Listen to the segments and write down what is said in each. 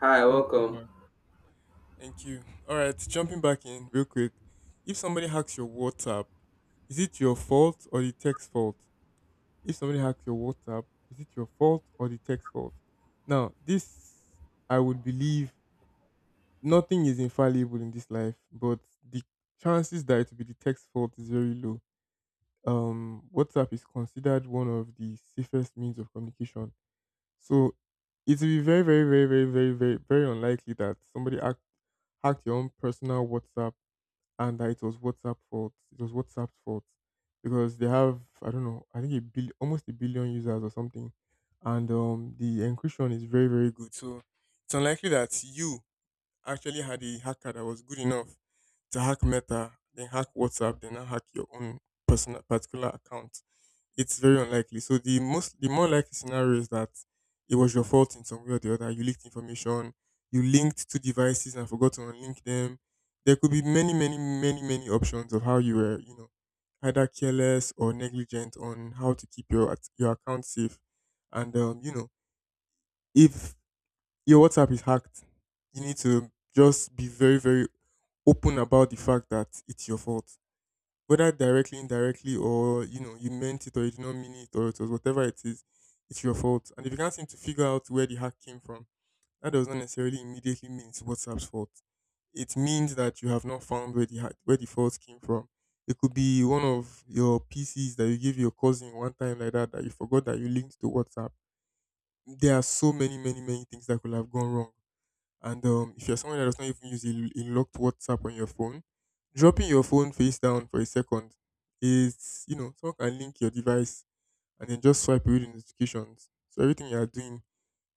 Hi, Welcome welcome. back. Thank you. All right, jumping back in real quick. If somebody hacks your WhatsApp, is it your fault or the tech's fault? If somebody hacks your WhatsApp, is it your fault or the tech's fault? Now, this I would believe nothing is infallible in this life, but the chances that it will be the tech's fault is very low. WhatsApp is considered one of the safest means of communication. So it will be very, very, very, very, very, very, very unlikely that hacked your own personal WhatsApp and that it was WhatsApp fault. It was WhatsApp's fault because they have, I don't know, I think a bill almost a billion users or something, and the encryption is very very good. So it's unlikely that you actually had a hacker that was good enough to hack Meta, then hack WhatsApp, then now hack your own personal particular account. It's very unlikely. So the more likely scenario is that it was your fault in some way or the other. You leaked information, you linked two devices and forgot to unlink them. There could be many, many, many, many options of how you were, you know, either careless or negligent on how to keep your account safe. And you know, if your WhatsApp is hacked, you need to just be very, very open about the fact that it's your fault, whether directly, indirectly, or you know, you meant it or you did not mean it, or it was whatever it is, it's your fault. And if you can't seem to figure out where the hack came from, that does not necessarily immediately mean it's WhatsApp's fault. It means that you have not found where the fault came from. It could be one of your PCs that you gave your cousin one time like that that you forgot that you linked to WhatsApp. There are so many, many, many things that could have gone wrong. And if you're someone that does not even use a locked WhatsApp on your phone, dropping your phone face down for a second is, you know, someone can link your device and then just swipe away the notifications. So everything you are doing,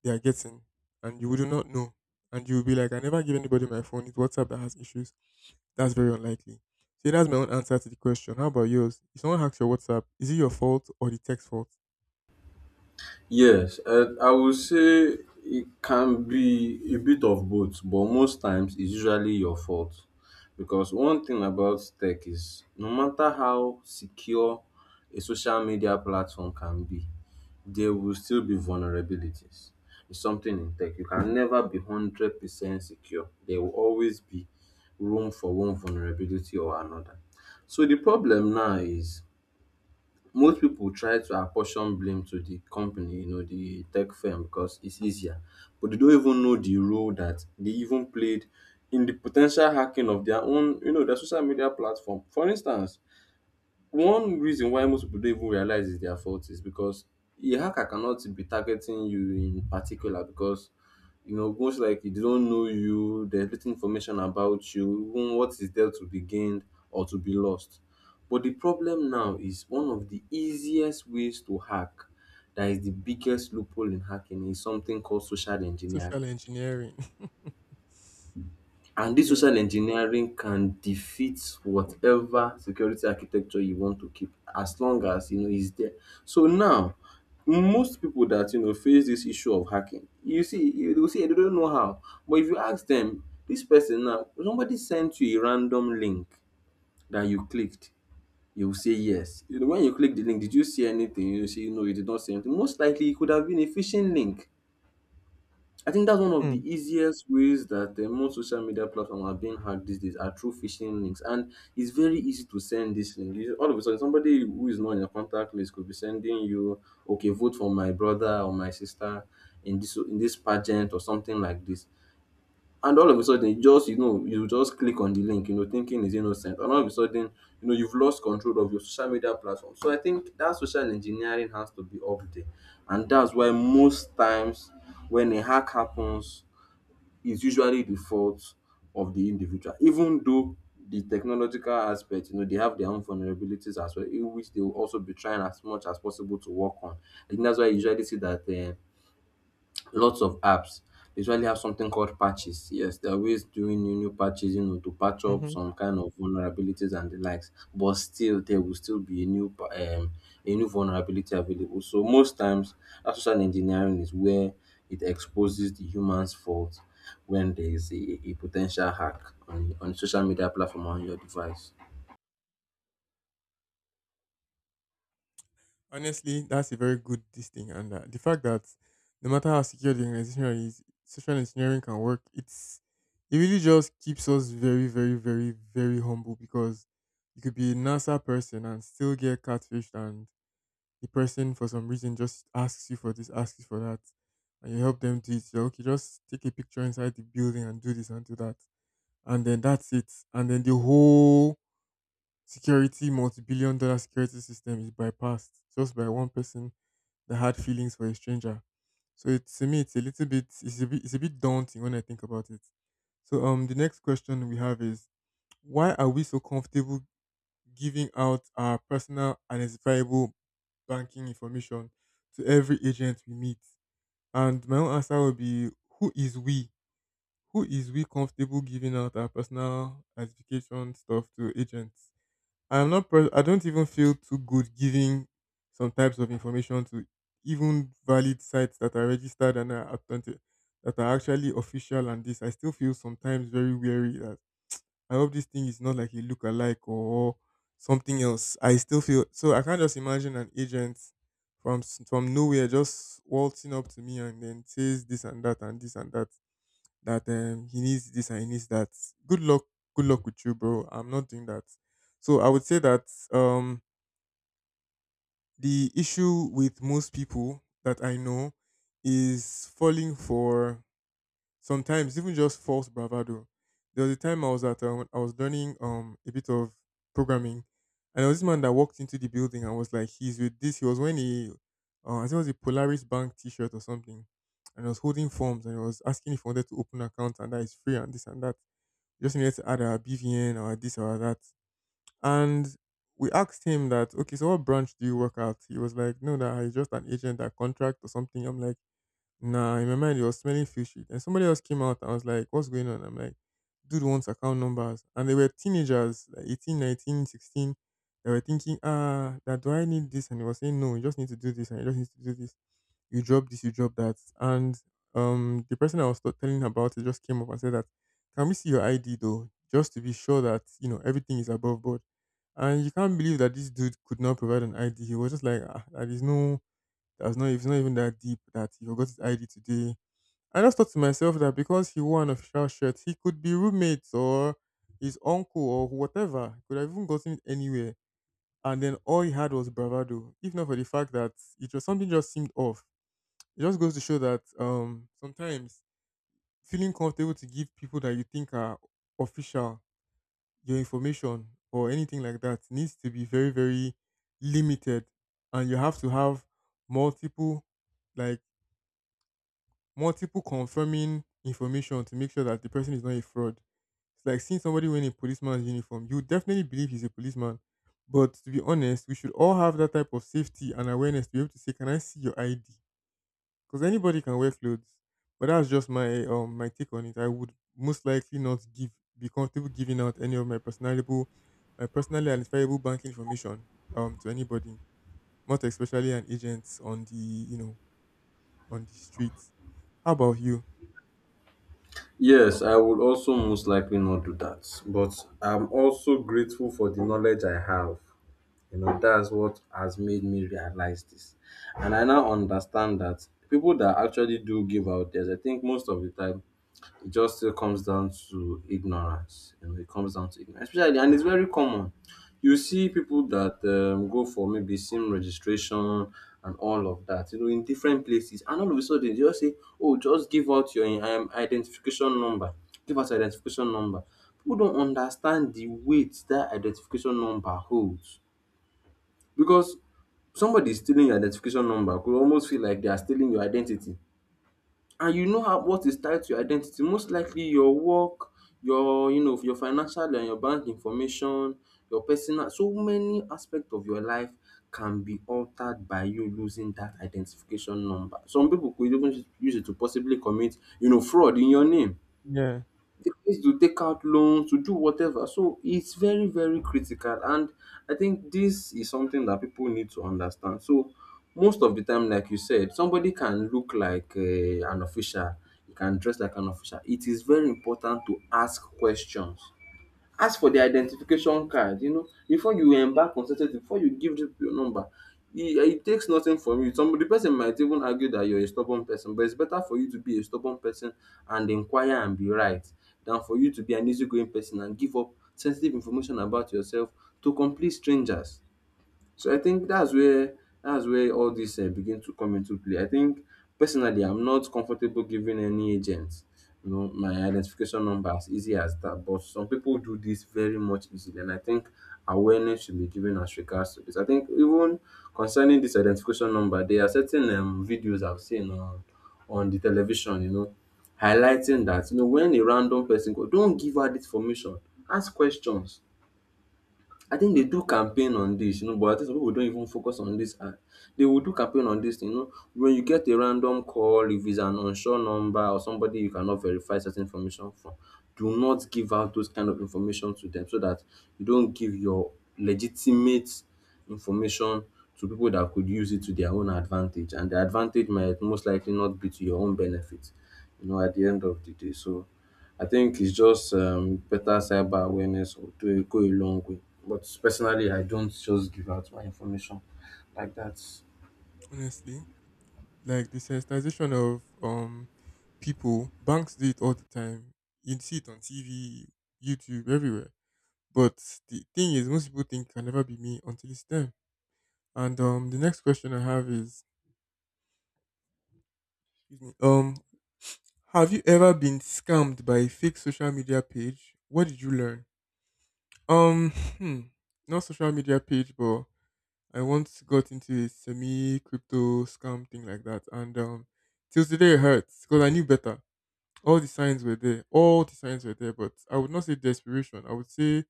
they are getting, and you would not know. And you'll be like, I never give anybody my phone. It's WhatsApp that has issues. That's very unlikely. So that's my own answer to the question. How about yours? If someone hacks your WhatsApp, is it your fault or the text fault? Yes, I would say it can be a bit of both, but most times it's usually your fault. Because one thing about tech is no matter how secure a social media platform can be, there will still be vulnerabilities. It's something in tech. You can never be 100% secure. There will always be room for one vulnerability or another. So the problem now is most people try to apportion blame to the company, you know, the tech firm because it's easier, but they don't even know the role that they even played in the potential hacking of their own, you know, their social media platform. For instance, one reason why most people don't even realize it's their fault is because a hacker cannot be targeting you in particular because you know most likely they don't know you, they're little information about you, even what is there to be gained or to be lost. But the problem now is one of the easiest ways to hack, that is the biggest loophole in hacking, is something called social engineering. Social engineering. And this Yeah. social engineering can defeat whatever security architecture you want to keep as long as you know it's there. So now most people that you know face this issue of hacking, you see, you will see they don't know how. But if you ask them, this person now, somebody sent you a random link that you clicked, you will say yes. You know, when you click the link, did you see anything? You say no, you did not see anything. Most likely it could have been a phishing link. I think that's one of the Mm-hmm. easiest ways that most social media platforms are being hacked these days, are through phishing links, and it's very easy to send this link. You- all of a sudden, somebody who is not in your contact list could be sending you, "Okay, vote for my brother or my sister in this pageant or something like this." And all of a sudden, you just, you know, you just click on the link, you know, thinking it's innocent. And all of a sudden, you know, you've lost control of your social media platform. So I think that social engineering has to be up there. And that's why most times when a hack happens, it's usually the fault of the individual, even though the technological aspect, you know, they have their own vulnerabilities as well, in which they will also be trying as much as possible to work on. I think that's why you usually see that lots of apps, they usually have something called patches. Yes, there are ways doing new patches, you know, to patch up some kind of vulnerabilities and the likes. But still, there will still be a a new vulnerability available. So most times, that social engineering is where it exposes the human's fault when there is a potential hack on social media platform or on your device. Honestly, that's a very good this thing, and the fact that no matter how secure the organization is, social engineering can work. It really just keeps us very, very, very, very humble because you could be a NASA person and still get catfished, and the person for some reason just asks you for this, asks you for that, and you help them do it. You're, okay, just take a picture inside the building and do this and do that, and then that's it. And then the whole security, multi-billion-dollar security system is bypassed just by one person the hard feelings for a stranger. So it's a little bit, it's a bit daunting when I think about it. So the next question we have is, why are we so comfortable giving out our personal and identifiable banking information to every agent we meet? And my own answer would be, who is we? Who is we comfortable giving out our personal identification stuff to agents? I am not. I don't even feel too good giving some types of information to even valid sites that are registered and are authentic, that are actually official. And this, I still feel sometimes very wary that I hope this thing is not like a look-alike or something else. I still feel so. I can't just imagine an agent from nowhere just waltzing up to me and then says this and that and this and that that he needs this and he needs that. Good luck, good luck with you, bro. I'm not doing that. So I would say that um, the issue with most people that I know is falling for sometimes even just false bravado. There was a time I was at I was learning a bit of programming, and there was this man that walked into the building and was like, he's with this. He was wearing a I think it was a Polaris Bank T-shirt or something, and he was holding forms and he was asking if he wanted to open an account and that is free and this and that. You just needed to add our BVN or this or that. And we asked him that, okay, so what branch do you work at? He was like, no, that I'm just an agent that contract or something. I'm like, nah, in my mind it was smelling fishy. And somebody else came out and I was like, what's going on? I'm like, dude wants account numbers. And they were teenagers, like 18, 19, 16. They were thinking, ah, that do I need this? And he was saying, no, you just need to do this and you just need to do this. You drop this, you drop that. And the person I was telling about it just came up and said that, can we see your ID though? Just to be sure that, you know, everything is above board. And you can't believe that this dude could not provide an ID. He was just like, ah, there is no that was not, it's not even that deep that he forgot his ID today. I just thought to myself that because he wore an official shirt, he could be roommates or his uncle or whatever. Could have even gotten it anywhere. And then all he had was bravado. If not for the fact that it was something just seemed off. It just goes to show that sometimes feeling comfortable to give people that you think are official your information or anything like that needs to be very, very limited. And you have to have multiple like multiple confirming information to make sure that the person is not a fraud. It's like seeing somebody wearing a policeman's uniform. You would definitely believe he's a policeman. But to be honest, we should all have that type of safety and awareness to be able to say, can I see your ID? Because anybody can wear clothes. But that's just my my take on it. I would most likely not give be comfortable giving out any of my personally identifiable bank information to anybody. Not especially an agent on the you know on the streets. How about you? Yes, I would also most likely not do that. But I'm also grateful for the knowledge I have. You know, that's what has made me realize this. And I now understand that people that actually do give out theirs, I think most of the time, it just still comes down to ignorance. You know, it comes down to ignorance, especially, and it's very common. You see people that go for maybe SIM registration and all of that, you know, in different places, and all of a sudden they just say, "Oh, just give out your identification number. Give us identification number." People don't understand the weight that identification number holds, because somebody stealing your identification number could almost feel like they are stealing your identity, and you know how, what is tied to your identity, most likely your work, your, you know, your financial and your bank information, your personal, so many aspects of your life can be altered by you losing that identification number. Some people could even use it to possibly commit, you know, fraud in your name. Yeah. They used to take out loans, to do whatever. So it's very, very critical. And I think this is something that people need to understand. So most of the time, like you said, somebody can look like an official, you can dress like an official. It is very important to ask questions. Ask for their identification card, you know, before you embark on certain things, before you give dem your number. It takes nothing from you. Some the person might even argue that you're a stubborn person, but it's better for you to be a stubborn person and inquire and be right, than for you to be an easygoing person and give up sensitive information about yourself to complete strangers. So I think that's where, all this begin to come into play. I think personally I'm not comfortable giving any agent, you know, my identification number as easy as that. But some people do this very much easily, and I think awareness should be given as regards to this. I think even concerning this identification number, there are certain videos I've seen on the television, you know, highlighting that, you know, when a random person go, don't give her this information, ask questions. I think they do campaign on this, you know, but I think some people don't even focus on this. And they will do campaign on this, you know, when you get a random call, if it's an unsure number or somebody you cannot verify certain information from, do not give out those kind of information to them, so that you don't give your legitimate information to people that could use it to their own advantage. And the advantage might most likely not be to your own benefit, you know, at the end of the day. So I think it's just, better cyber awareness will do go a long way. But personally, I don't just give out my information like that. Honestly. Like the sensitization of people, banks do it all the time. You see it on TV, YouTube, everywhere. But the thing is, most people think it can never be me until it's them. And the next question I have is, excuse me, have you ever been scammed by a fake social media page? What did you learn? Um, hmm, not social media page, but I once got into a semi crypto scam thing like that, and till today it hurts because I knew better. All the signs were there. All the signs were there, but I would not say desperation. I would say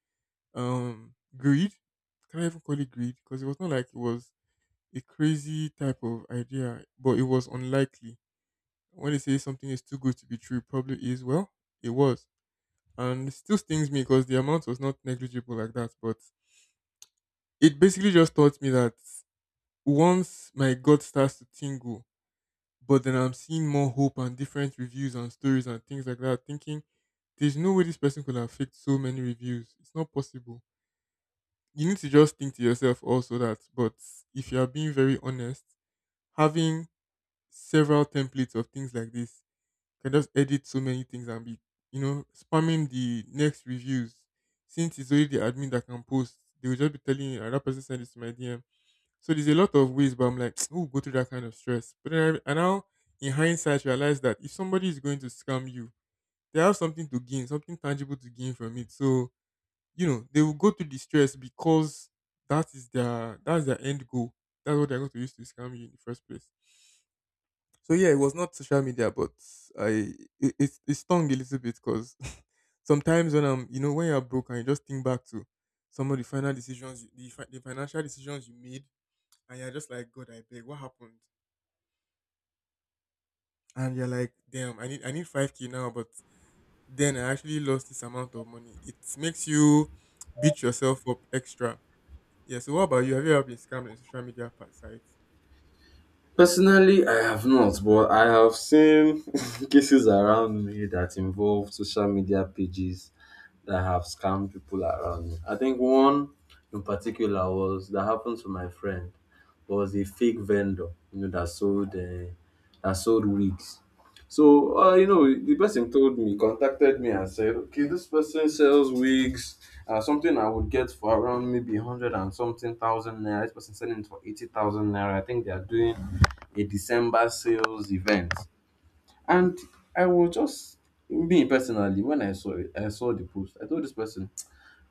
greed. Can I even call it greed? Because it was not like it was a crazy type of idea, but it was unlikely. When they say something is too good to be true, it probably is. Well, it was, and it still stings me because the amount was not negligible like that. But it basically just taught me that once my gut starts to tingle, but then I'm seeing more hope and different reviews and stories and things like that, thinking there's no way this person could have faked so many reviews. It's not possible. You need to just think to yourself also that, but if you are being very honest, having several templates of things like this can just edit so many things and be, you know, spamming the next reviews. Since it's only the admin that can post, they will just be telling you, "Ah, that person sent this to my DM." So there's a lot of ways, but I'm like, who would go through that kind of stress? But then I now, in hindsight, realize that if somebody is going to scam you, they have something to gain, something tangible to gain from it. So you know, they will go through the stress because that's their end goal. That's what they're going to use to scam you in the first place. So yeah, it was not social media, but I it stung a little bit because sometimes when you're broke and you just think back to some of the final decisions, the financial decisions you made and you're just like, God, I beg, what happened? And you're like, damn, I need 5K now, but then I actually lost this amount of money. It makes you beat yourself up extra. Yeah. So what about you? Have you ever been scammed on social media sites? Personally, I have not, but I have seen cases around me that involve social media pages that have scammed people around me. I think one in particular, was that happened to my friend, was a fake vendor, you know, that sold wigs. So, you know, the person told me, contacted me and said, okay, this person sells wigs, something I would get for around maybe 100 and something thousand naira. This person selling it for 80,000 naira. I think they are doing a December sales event. And I was just, me personally, when I saw it, I saw the post, I told this person,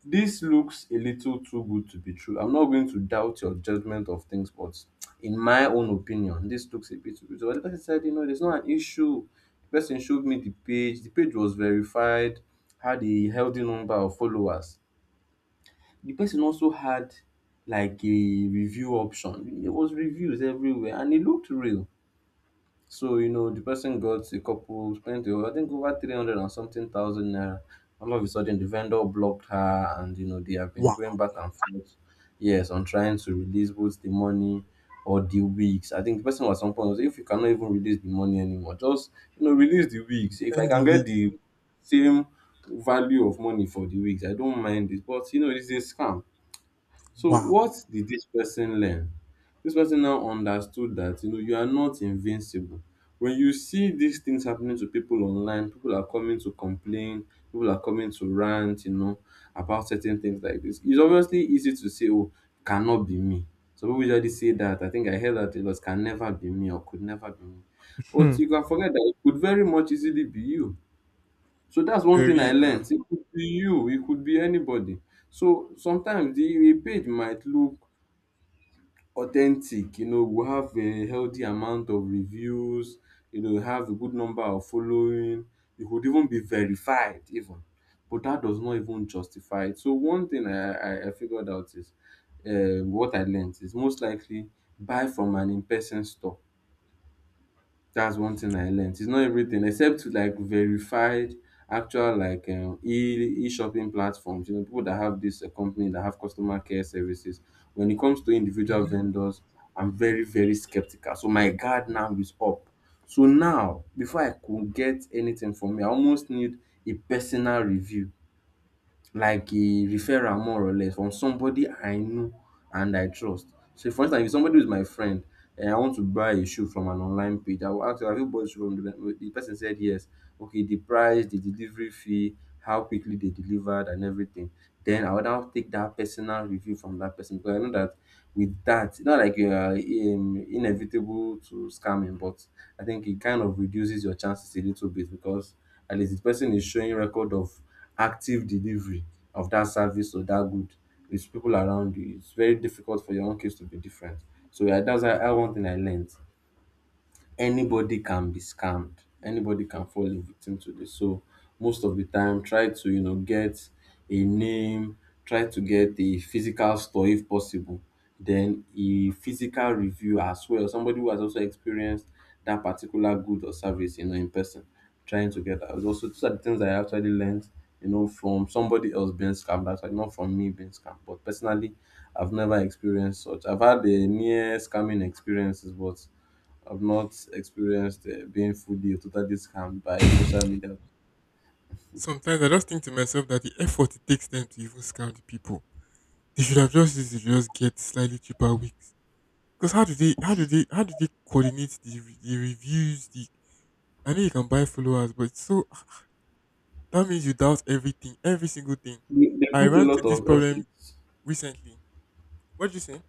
this looks a little too good to be true. I'm not going to doubt your judgment of things, but in my own opinion, this looks a bit too good. So the person said, you know, there's not an issue. The person showed me the page. The page was verified, had a healthy number of followers. The person also had like a review option. There was reviews everywhere, and it looked real. So, you know, the person got a couple, spent, I think, over 300 and something thousand naira. All of a sudden, the vendor blocked her, and, you know, they have been Wow. going back and forth. Yes, on trying to release both the money or the wigs. I think the person at some point was like, if you cannot even release the money anymore, just, you know, release the wigs. If I Spend the can get week. the same value of money for the wigs, I don't mind it. But, you know, it's a scam. So Wow. what did this person learn? This person now understood that, you know, you are not invincible. When you see these things happening to people online, people are coming to complain, people are coming to rant, you know, about certain things like this. It's obviously easy to say, "Oh, cannot be me." Some people usually say that. I think I heard that it was "can never be me" or "could never be me." But Hmm. you can forget that it could very much easily be you. So that's one thing Very I well. learned. It could be you, it could be anybody. So sometimes the a page might look authentic, you know, we have a healthy amount of reviews, you know, have a good number of following, it could even be verified even. But that does not even justify it. So one thing I figured out is, what I learned is, most likely buy from an in-person store. That's one thing I learnt. It's not everything except to like verified actual like e e-shopping platforms, you know, people that have this company that have customer care services. When it comes to individual Hmm. vendors, I'm very, very skeptical. So my guard now is up. So now, before I could get anything from me, I almost need a personal review, like a referral more or less from somebody I know and I trust. So for instance, if somebody is my friend and I want to buy a shoe from an online page, I will ask, have you bought shoe from the person said yes. Okay, the price, the delivery fee, how quickly they delivered and everything. Then I would now take that personal review from that person because I know that with that, it's not like you are inevitable to scamming, but I think it kind of reduces your chances a little bit because at least the person is showing record of active delivery of that service or that good with people around you. It's very difficult for your own case to be different. So yeah, that's how one thing I learned, anybody can be scammed. Anybody can fall a victim to this. So most of the time, try to get a name, try to get a physical store if possible. Then a physical review as well. Somebody who has also experienced that particular good or service, in person. Trying to get that. Also, those are the things I actually learned, from somebody else being scammed. Actually, not from me being scammed, but personally, I've never experienced such. I've had the near scamming experiences, but I've not experienced being fully or totally scammed by social media. Sometimes I just think to myself that the effort it takes them to even scam the people, they should have just used to just get slightly cheaper wigs. Because how do they how do they how do they coordinate the, the reviews, the I know you can buy followers, but it's so that means you doubt everything, every single thing. They I put ran a into lot this of problem effort. recently. What did you say?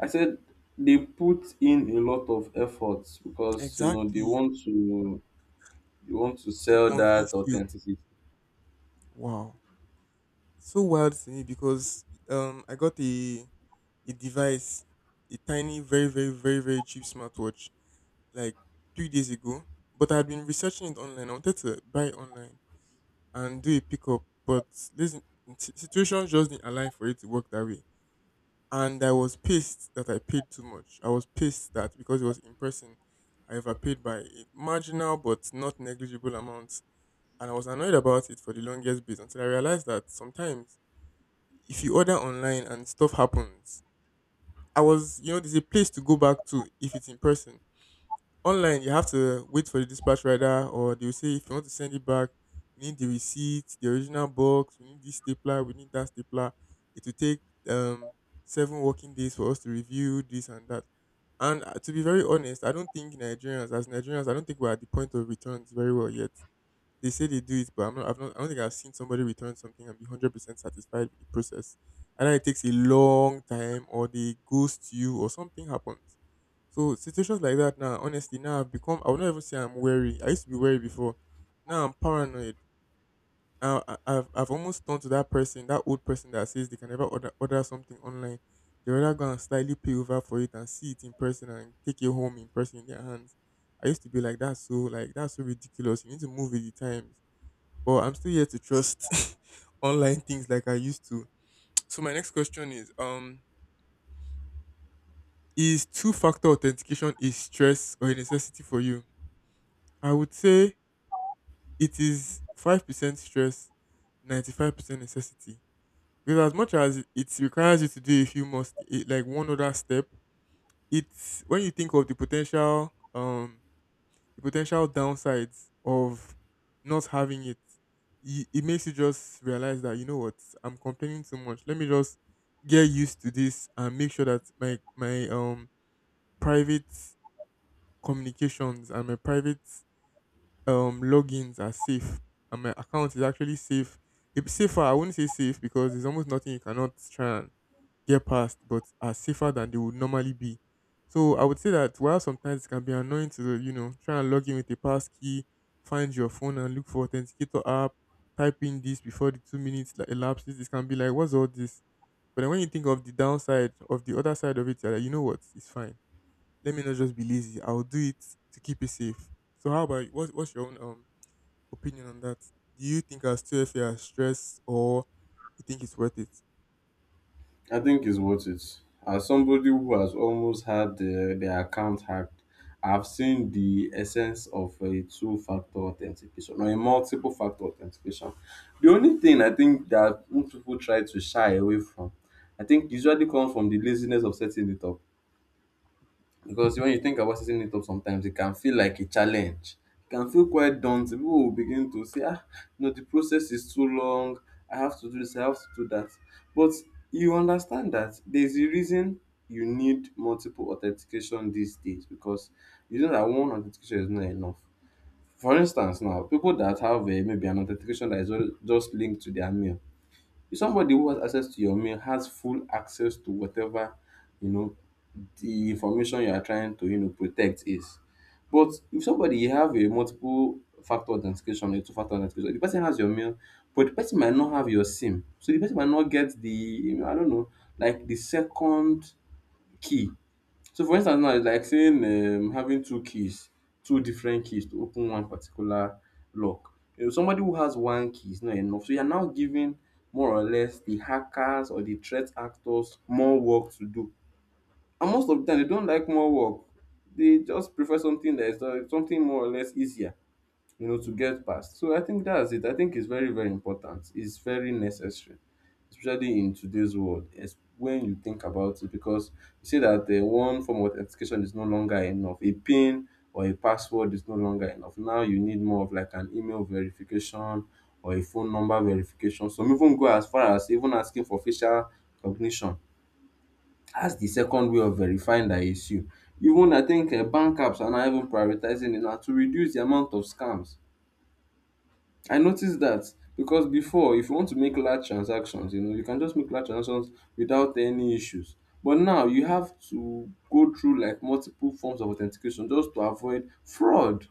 I said they put in a lot of efforts because you know Exactly. They want to To sell that convince you. authenticity. Wow. It's so wild to me because I got a device, a tiny, very, very, very, very cheap smartwatch like 3 days ago. But I had been researching it online. I wanted to buy it online and do a pickup, but listen, situations just didn't align for it to work that way. And I was pissed that I paid too much. I was pissed that because it was in person, I overpaid by a marginal but not negligible amount, and I was annoyed about it for the longest bit until I realized that sometimes if you order online and stuff happens, I was you know there's a place to go back to if it's in person. Online, you have to wait for the dispatch rider, or they will say if you want to send it back, we need the receipt, the original box, we need this stapler, we need that stapler. It will take um seven working days for us to review this and that. And to be very honest, I don't think Nigerians, as Nigerians, I don't think we're at the point of returns very well yet. They say they do it, but I don't think I've seen somebody return something and be 100% satisfied with the process. Either it takes a long time or they ghost you or something happens. So situations like that now, honestly, now I've become. I would not even say I'm wary. I used to be wary before. Now I'm paranoid. I've almost turned to that person, that old person that says they can never order something online. They rather go and slightly pay over for it and see it in person and take it home in person in their hands. I used to be like that, so like that's so ridiculous. You need to move with the times. But I'm still here to trust online things like I used to. So my next question is two-factor authentication a stress or a necessity for you? I would say it is 5% stress, 95% necessity. Because as much as it requires you to do a few more, like one other step, it's when you think of the potential, the potential downsides of not having it, it makes you just realize that, you know what, I'm complaining too much. Let me just get used to this and make sure that private communications and my private logins are safe and my account is actually safe. It's safer, I wouldn't say safe because there's almost nothing you cannot try and get past, but are safer than they would normally be. So I would say that while sometimes it can be annoying to, you know, try and log in with a passkey, find your phone and look for authenticator app, type in this before the 2 minutes like elapses, it can be like, what's all this? But then when you think of the downside of the other side of it, you're like, you know what, it's fine. Let me not just be lazy. I'll do it to keep it safe. So how about you? What's your own opinion on that? Do you think I'll still feel stress, or you think it's worth it? I think it's worth it. As somebody who has almost had their account hacked, I've seen the essence of a two-factor authentication or a multiple-factor authentication. The only thing I think that most people try to shy away from, I think, usually comes from the laziness of setting it up. Because when you think about setting it up sometimes, it can feel like a challenge. It can feel quite daunting. People will begin to say, ah, no, the process is too long. I have to do this, I have to do that. But you understand that there's a reason you need multiple authentication these days because you know that one authentication is not enough. For instance, now people that have maybe an authentication that is just linked to their mail, somebody who has access to your mail has full access to whatever, you know the information you are trying to, protect is, but if somebody, you have a multiple factor authentication, a two factor authentication, the person has your mail, but the person might not have your SIM, so the person might not get the, I don't know, like the second key. So for instance now, it's like saying, having two keys, two different keys to open one particular lock. You know, somebody who has one key is not enough. So you're now giving, more or less, the hackers or the threat actors more work to do. And most of the time, they don't like more work. They just prefer something that is something more or less easier, to get past. So I think that's it. I think it's very, very important. It's very necessary, especially in today's world, when you think about it, because you see that the one form of authentication is no longer enough. A PIN or a password is no longer enough. Now you need more of like an email verification or a phone number verification. Some even go as far as even asking for facial recognition, as the second way of verifying that it's you. Even, I think bank apps are now even prioritizing it now to reduce the amount of scams. I noticed that because before, if you want to make large transactions, you know, you can just make large transactions without any issues. But now you have to go through like multiple forms of authentication just to avoid fraud.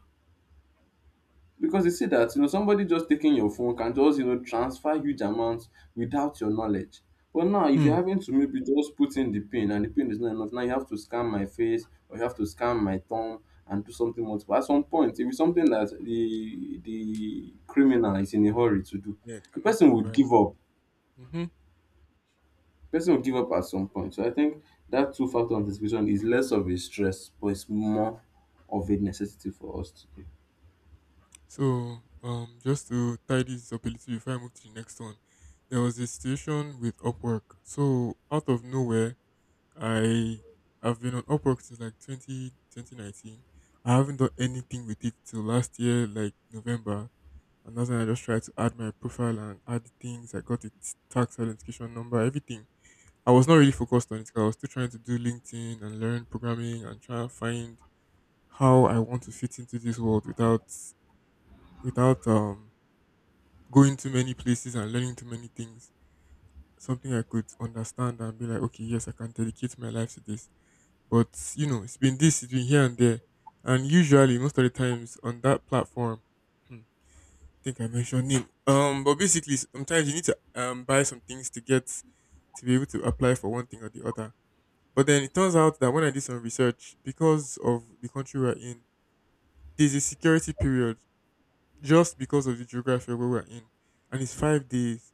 Because they say that, you know, somebody just taking your phone can just, you know, transfer huge amounts without your knowledge. But now, if Hmm. you're having to maybe just put in the pin and the pin is not enough, now you have to scan my face or you have to scan my thumb and do something multiple. At some point, if it's something that the criminal is in a hurry to do, Yeah, I the cannot person would provide. give up. Mm-hmm. Person would give up at some point. So I think that two factor anticipation is less of a stress, but it's more of a necessity for us today. So, just to tie this up a little before I move to the next one, there was a situation with Upwork. So, out of nowhere, I have been on Upwork since like 20 2019. I haven't done anything with it till last year, like November. And that's when I just tried to add my profile and add things. I got its tax identification number, everything. I was not really focused on it because I was still trying to do LinkedIn and learn programming and try and find how I want to fit into this world without without going too many places and learning too many things. Something I could understand and be like, okay, yes, I can dedicate my life to this. But you know, it's been this, it's been here and there, and usually most of the times on that platform, hmm, I think I mentioned name. But basically, sometimes you need to buy some things to get to be able to apply for one thing or the other. But then it turns out that when I did some research, because of the country we're in, there's a security period just because of the geography of where we're in, and it's 5 days.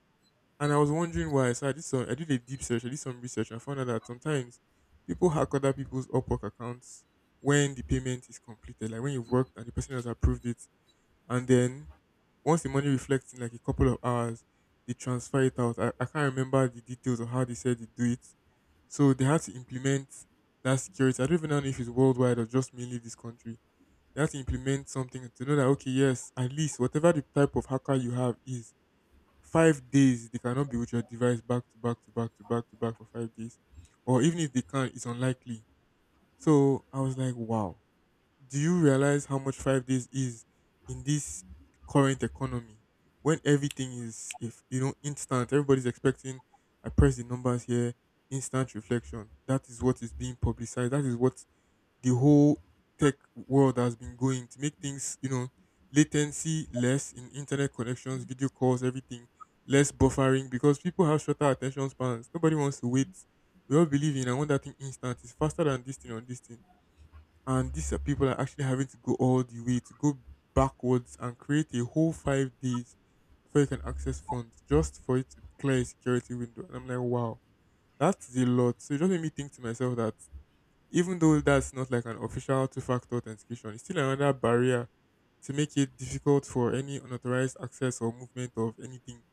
And I was wondering why. So I did a deep search, I did some research, and found out that sometimes people hack other people's Upwork accounts when the payment is completed, like when you've worked and the person has approved it, and then once the money reflects in like a couple of hours, they transfer it out. I can't remember the details of how they said they do it, so they had to implement that security. I don't even know if it's worldwide or just mainly this country. They had to implement something to know that, okay, yes, at least whatever the type of hacker you have is, 5 days they cannot be with your device back to back to back to back to back for 5 days. Or even if they can, it's unlikely. So I was like, wow, do you realize how much 5 days is in this current economy when everything is, if you know, instant? Everybody's expecting, I press the numbers here, instant reflection. That is what is being publicized. That is what the whole tech world has been going to make things, you know, latency less in internet connections, video calls, everything, less buffering because people have shorter attention spans. Nobody wants to wait. We all believe in, I want that thing instant, it's faster than this thing on this thing. And these are, people are actually having to go all the way to go backwards and create a whole 5 days before you can access funds just for it to clear a security window. And I'm like, wow, that is a lot. So it just made me think to myself that, even though that's not like an official two-factor authentication, it's still another barrier to make it difficult for any unauthorized access or movement of anything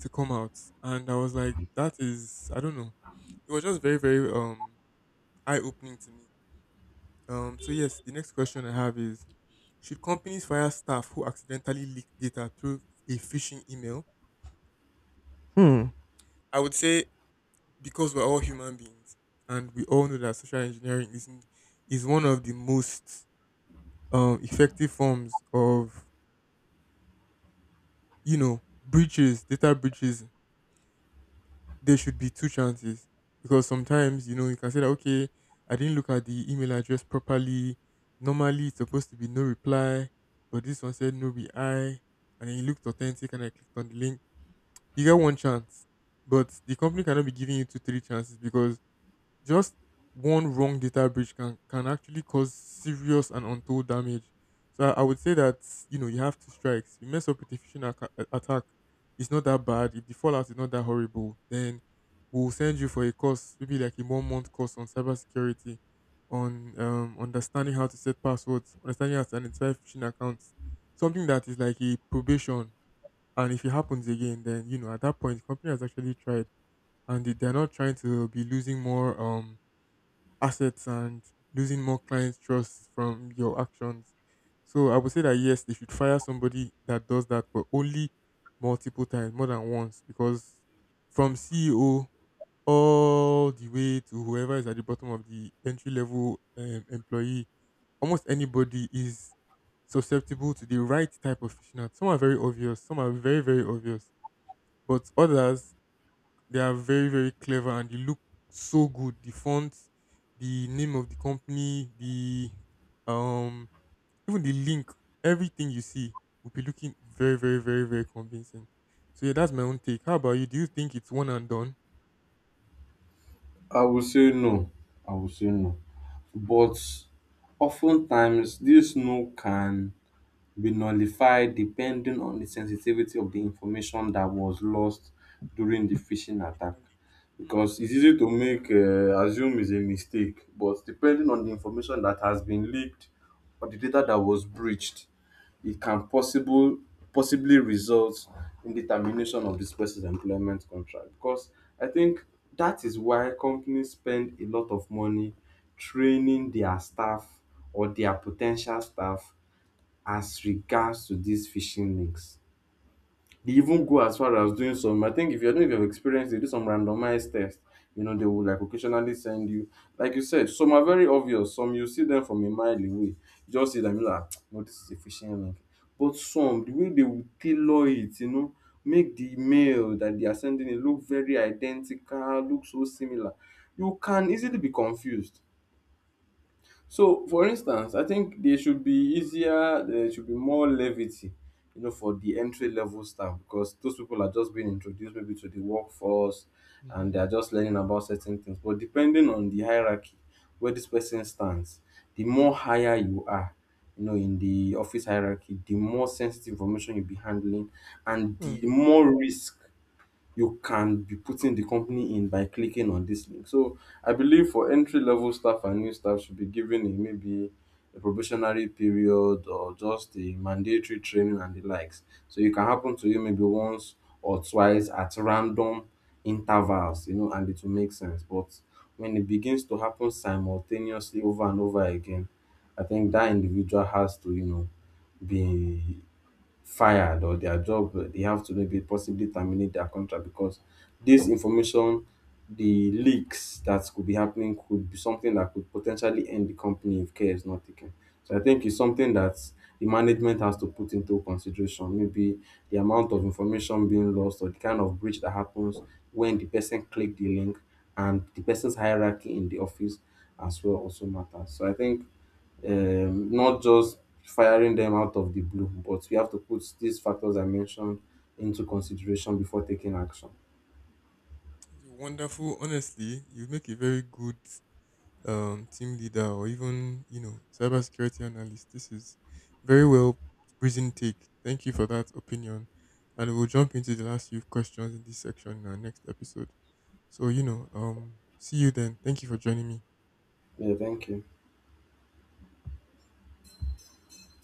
to come out. And I was like, that is, I don't know. It was just very, very eye opening to me. So yes, the next question I have is: should companies fire staff who accidentally leak data through a phishing email? Hmm. I would say, because we're all human beings and we all know that social engineering is one of the most effective forms of, you know, breaches, data breaches, there should be two chances, because sometimes, you know, you can say that, okay, I didn't look at the email address properly. Normally it's supposed to be no reply, but this one said no reply, and then it looked authentic and I clicked on the link. You get one chance, but the company cannot be giving you two three chances, because just one wrong data breach can actually cause serious and untold damage. So I would say that, you know, you have two strikes. You mess up with a attack, it's not that bad. If the fallout is not that horrible, then we'll send you for a course, maybe like a one month course on cybersecurity, on understanding how to set passwords, understanding how to identify phishing accounts, something that is like a probation. And if it happens again, then, you know, at that point the company has actually tried, and they're not trying to be losing more assets and losing more clients' trust from your actions. So I would say that, yes, they should fire somebody that does that, but only multiple times, more than once, because from CEO all the way to whoever is at the bottom of the entry level employee, almost anybody is susceptible to the right type of fishnet. Some are very obvious, some are very, very obvious, but others, they are very, very clever and they look so good. The font, the name of the company, the um even the link, everything you see will be looking very, very, very, very convincing. So yeah, that's my own take. How about you? Do you think it's one and done? I would say no. I would say no. But oftentimes, this no can be nullified depending on the sensitivity of the information that was lost during the phishing attack. Hmm. Because it's easy to make assume is a mistake, but depending on the information that has been leaked or the data that was breached, it can possible possibly result in the termination of this person's employment contract, because I think that is why companies spend a lot of money training their staff or their potential staff as regards to these phishing links. They even go as far as doing some. I think, if you, I don't know if you've experienced, they do some randomized tests. You know, they will like occasionally send you, like you said, some are very obvious. Some you see them from a mile away. You just see them, you're like, no, this is a phishing link. But some, the way they will tailor it, you know, make the email that they are sending it look very identical, look so similar. You can easily be confused. So, for instance, I think they should be easier, there should be more levity, you know, for the entry level staff, because those people are just being introduced maybe to the workforce Hmm. and Hmm, they are just learning about certain things. But depending on the hierarchy, where this person stands, the more higher you are, you know, in the office hierarchy, the more sensitive information you'll be handling and the hmm. more risk you can be putting the company in by clicking on this link. So I believe for entry level staff and new staff should be given a maybe a probationary period or just a mandatory training and the likes. So it can happen to you maybe once or twice at random intervals, you know, and it will make sense. But when it begins to happen simultaneously over and over again, I think that individual has to, you know, be fired, or their job, they have to maybe possibly terminate their contract, because this information, the leaks that could be happening could be something that could potentially end the company if care is not taken. So I think it's something that the management has to put into consideration, maybe the amount of information being lost or the kind of breach that happens when the person clicked the link, and the person's hierarchy in the office as well also matters. So I think, not just firing them out of the blue, but we have to put these factors I mentioned into consideration before taking action. It's wonderful, honestly. You make a very good team leader or even, you know, cybersecurity analyst. This is very well reasoned take. Thank you for that opinion, and we'll jump into the last few questions in this section in our next episode. So, you know, see you then. Thank you for joining me. Yeah, thank you.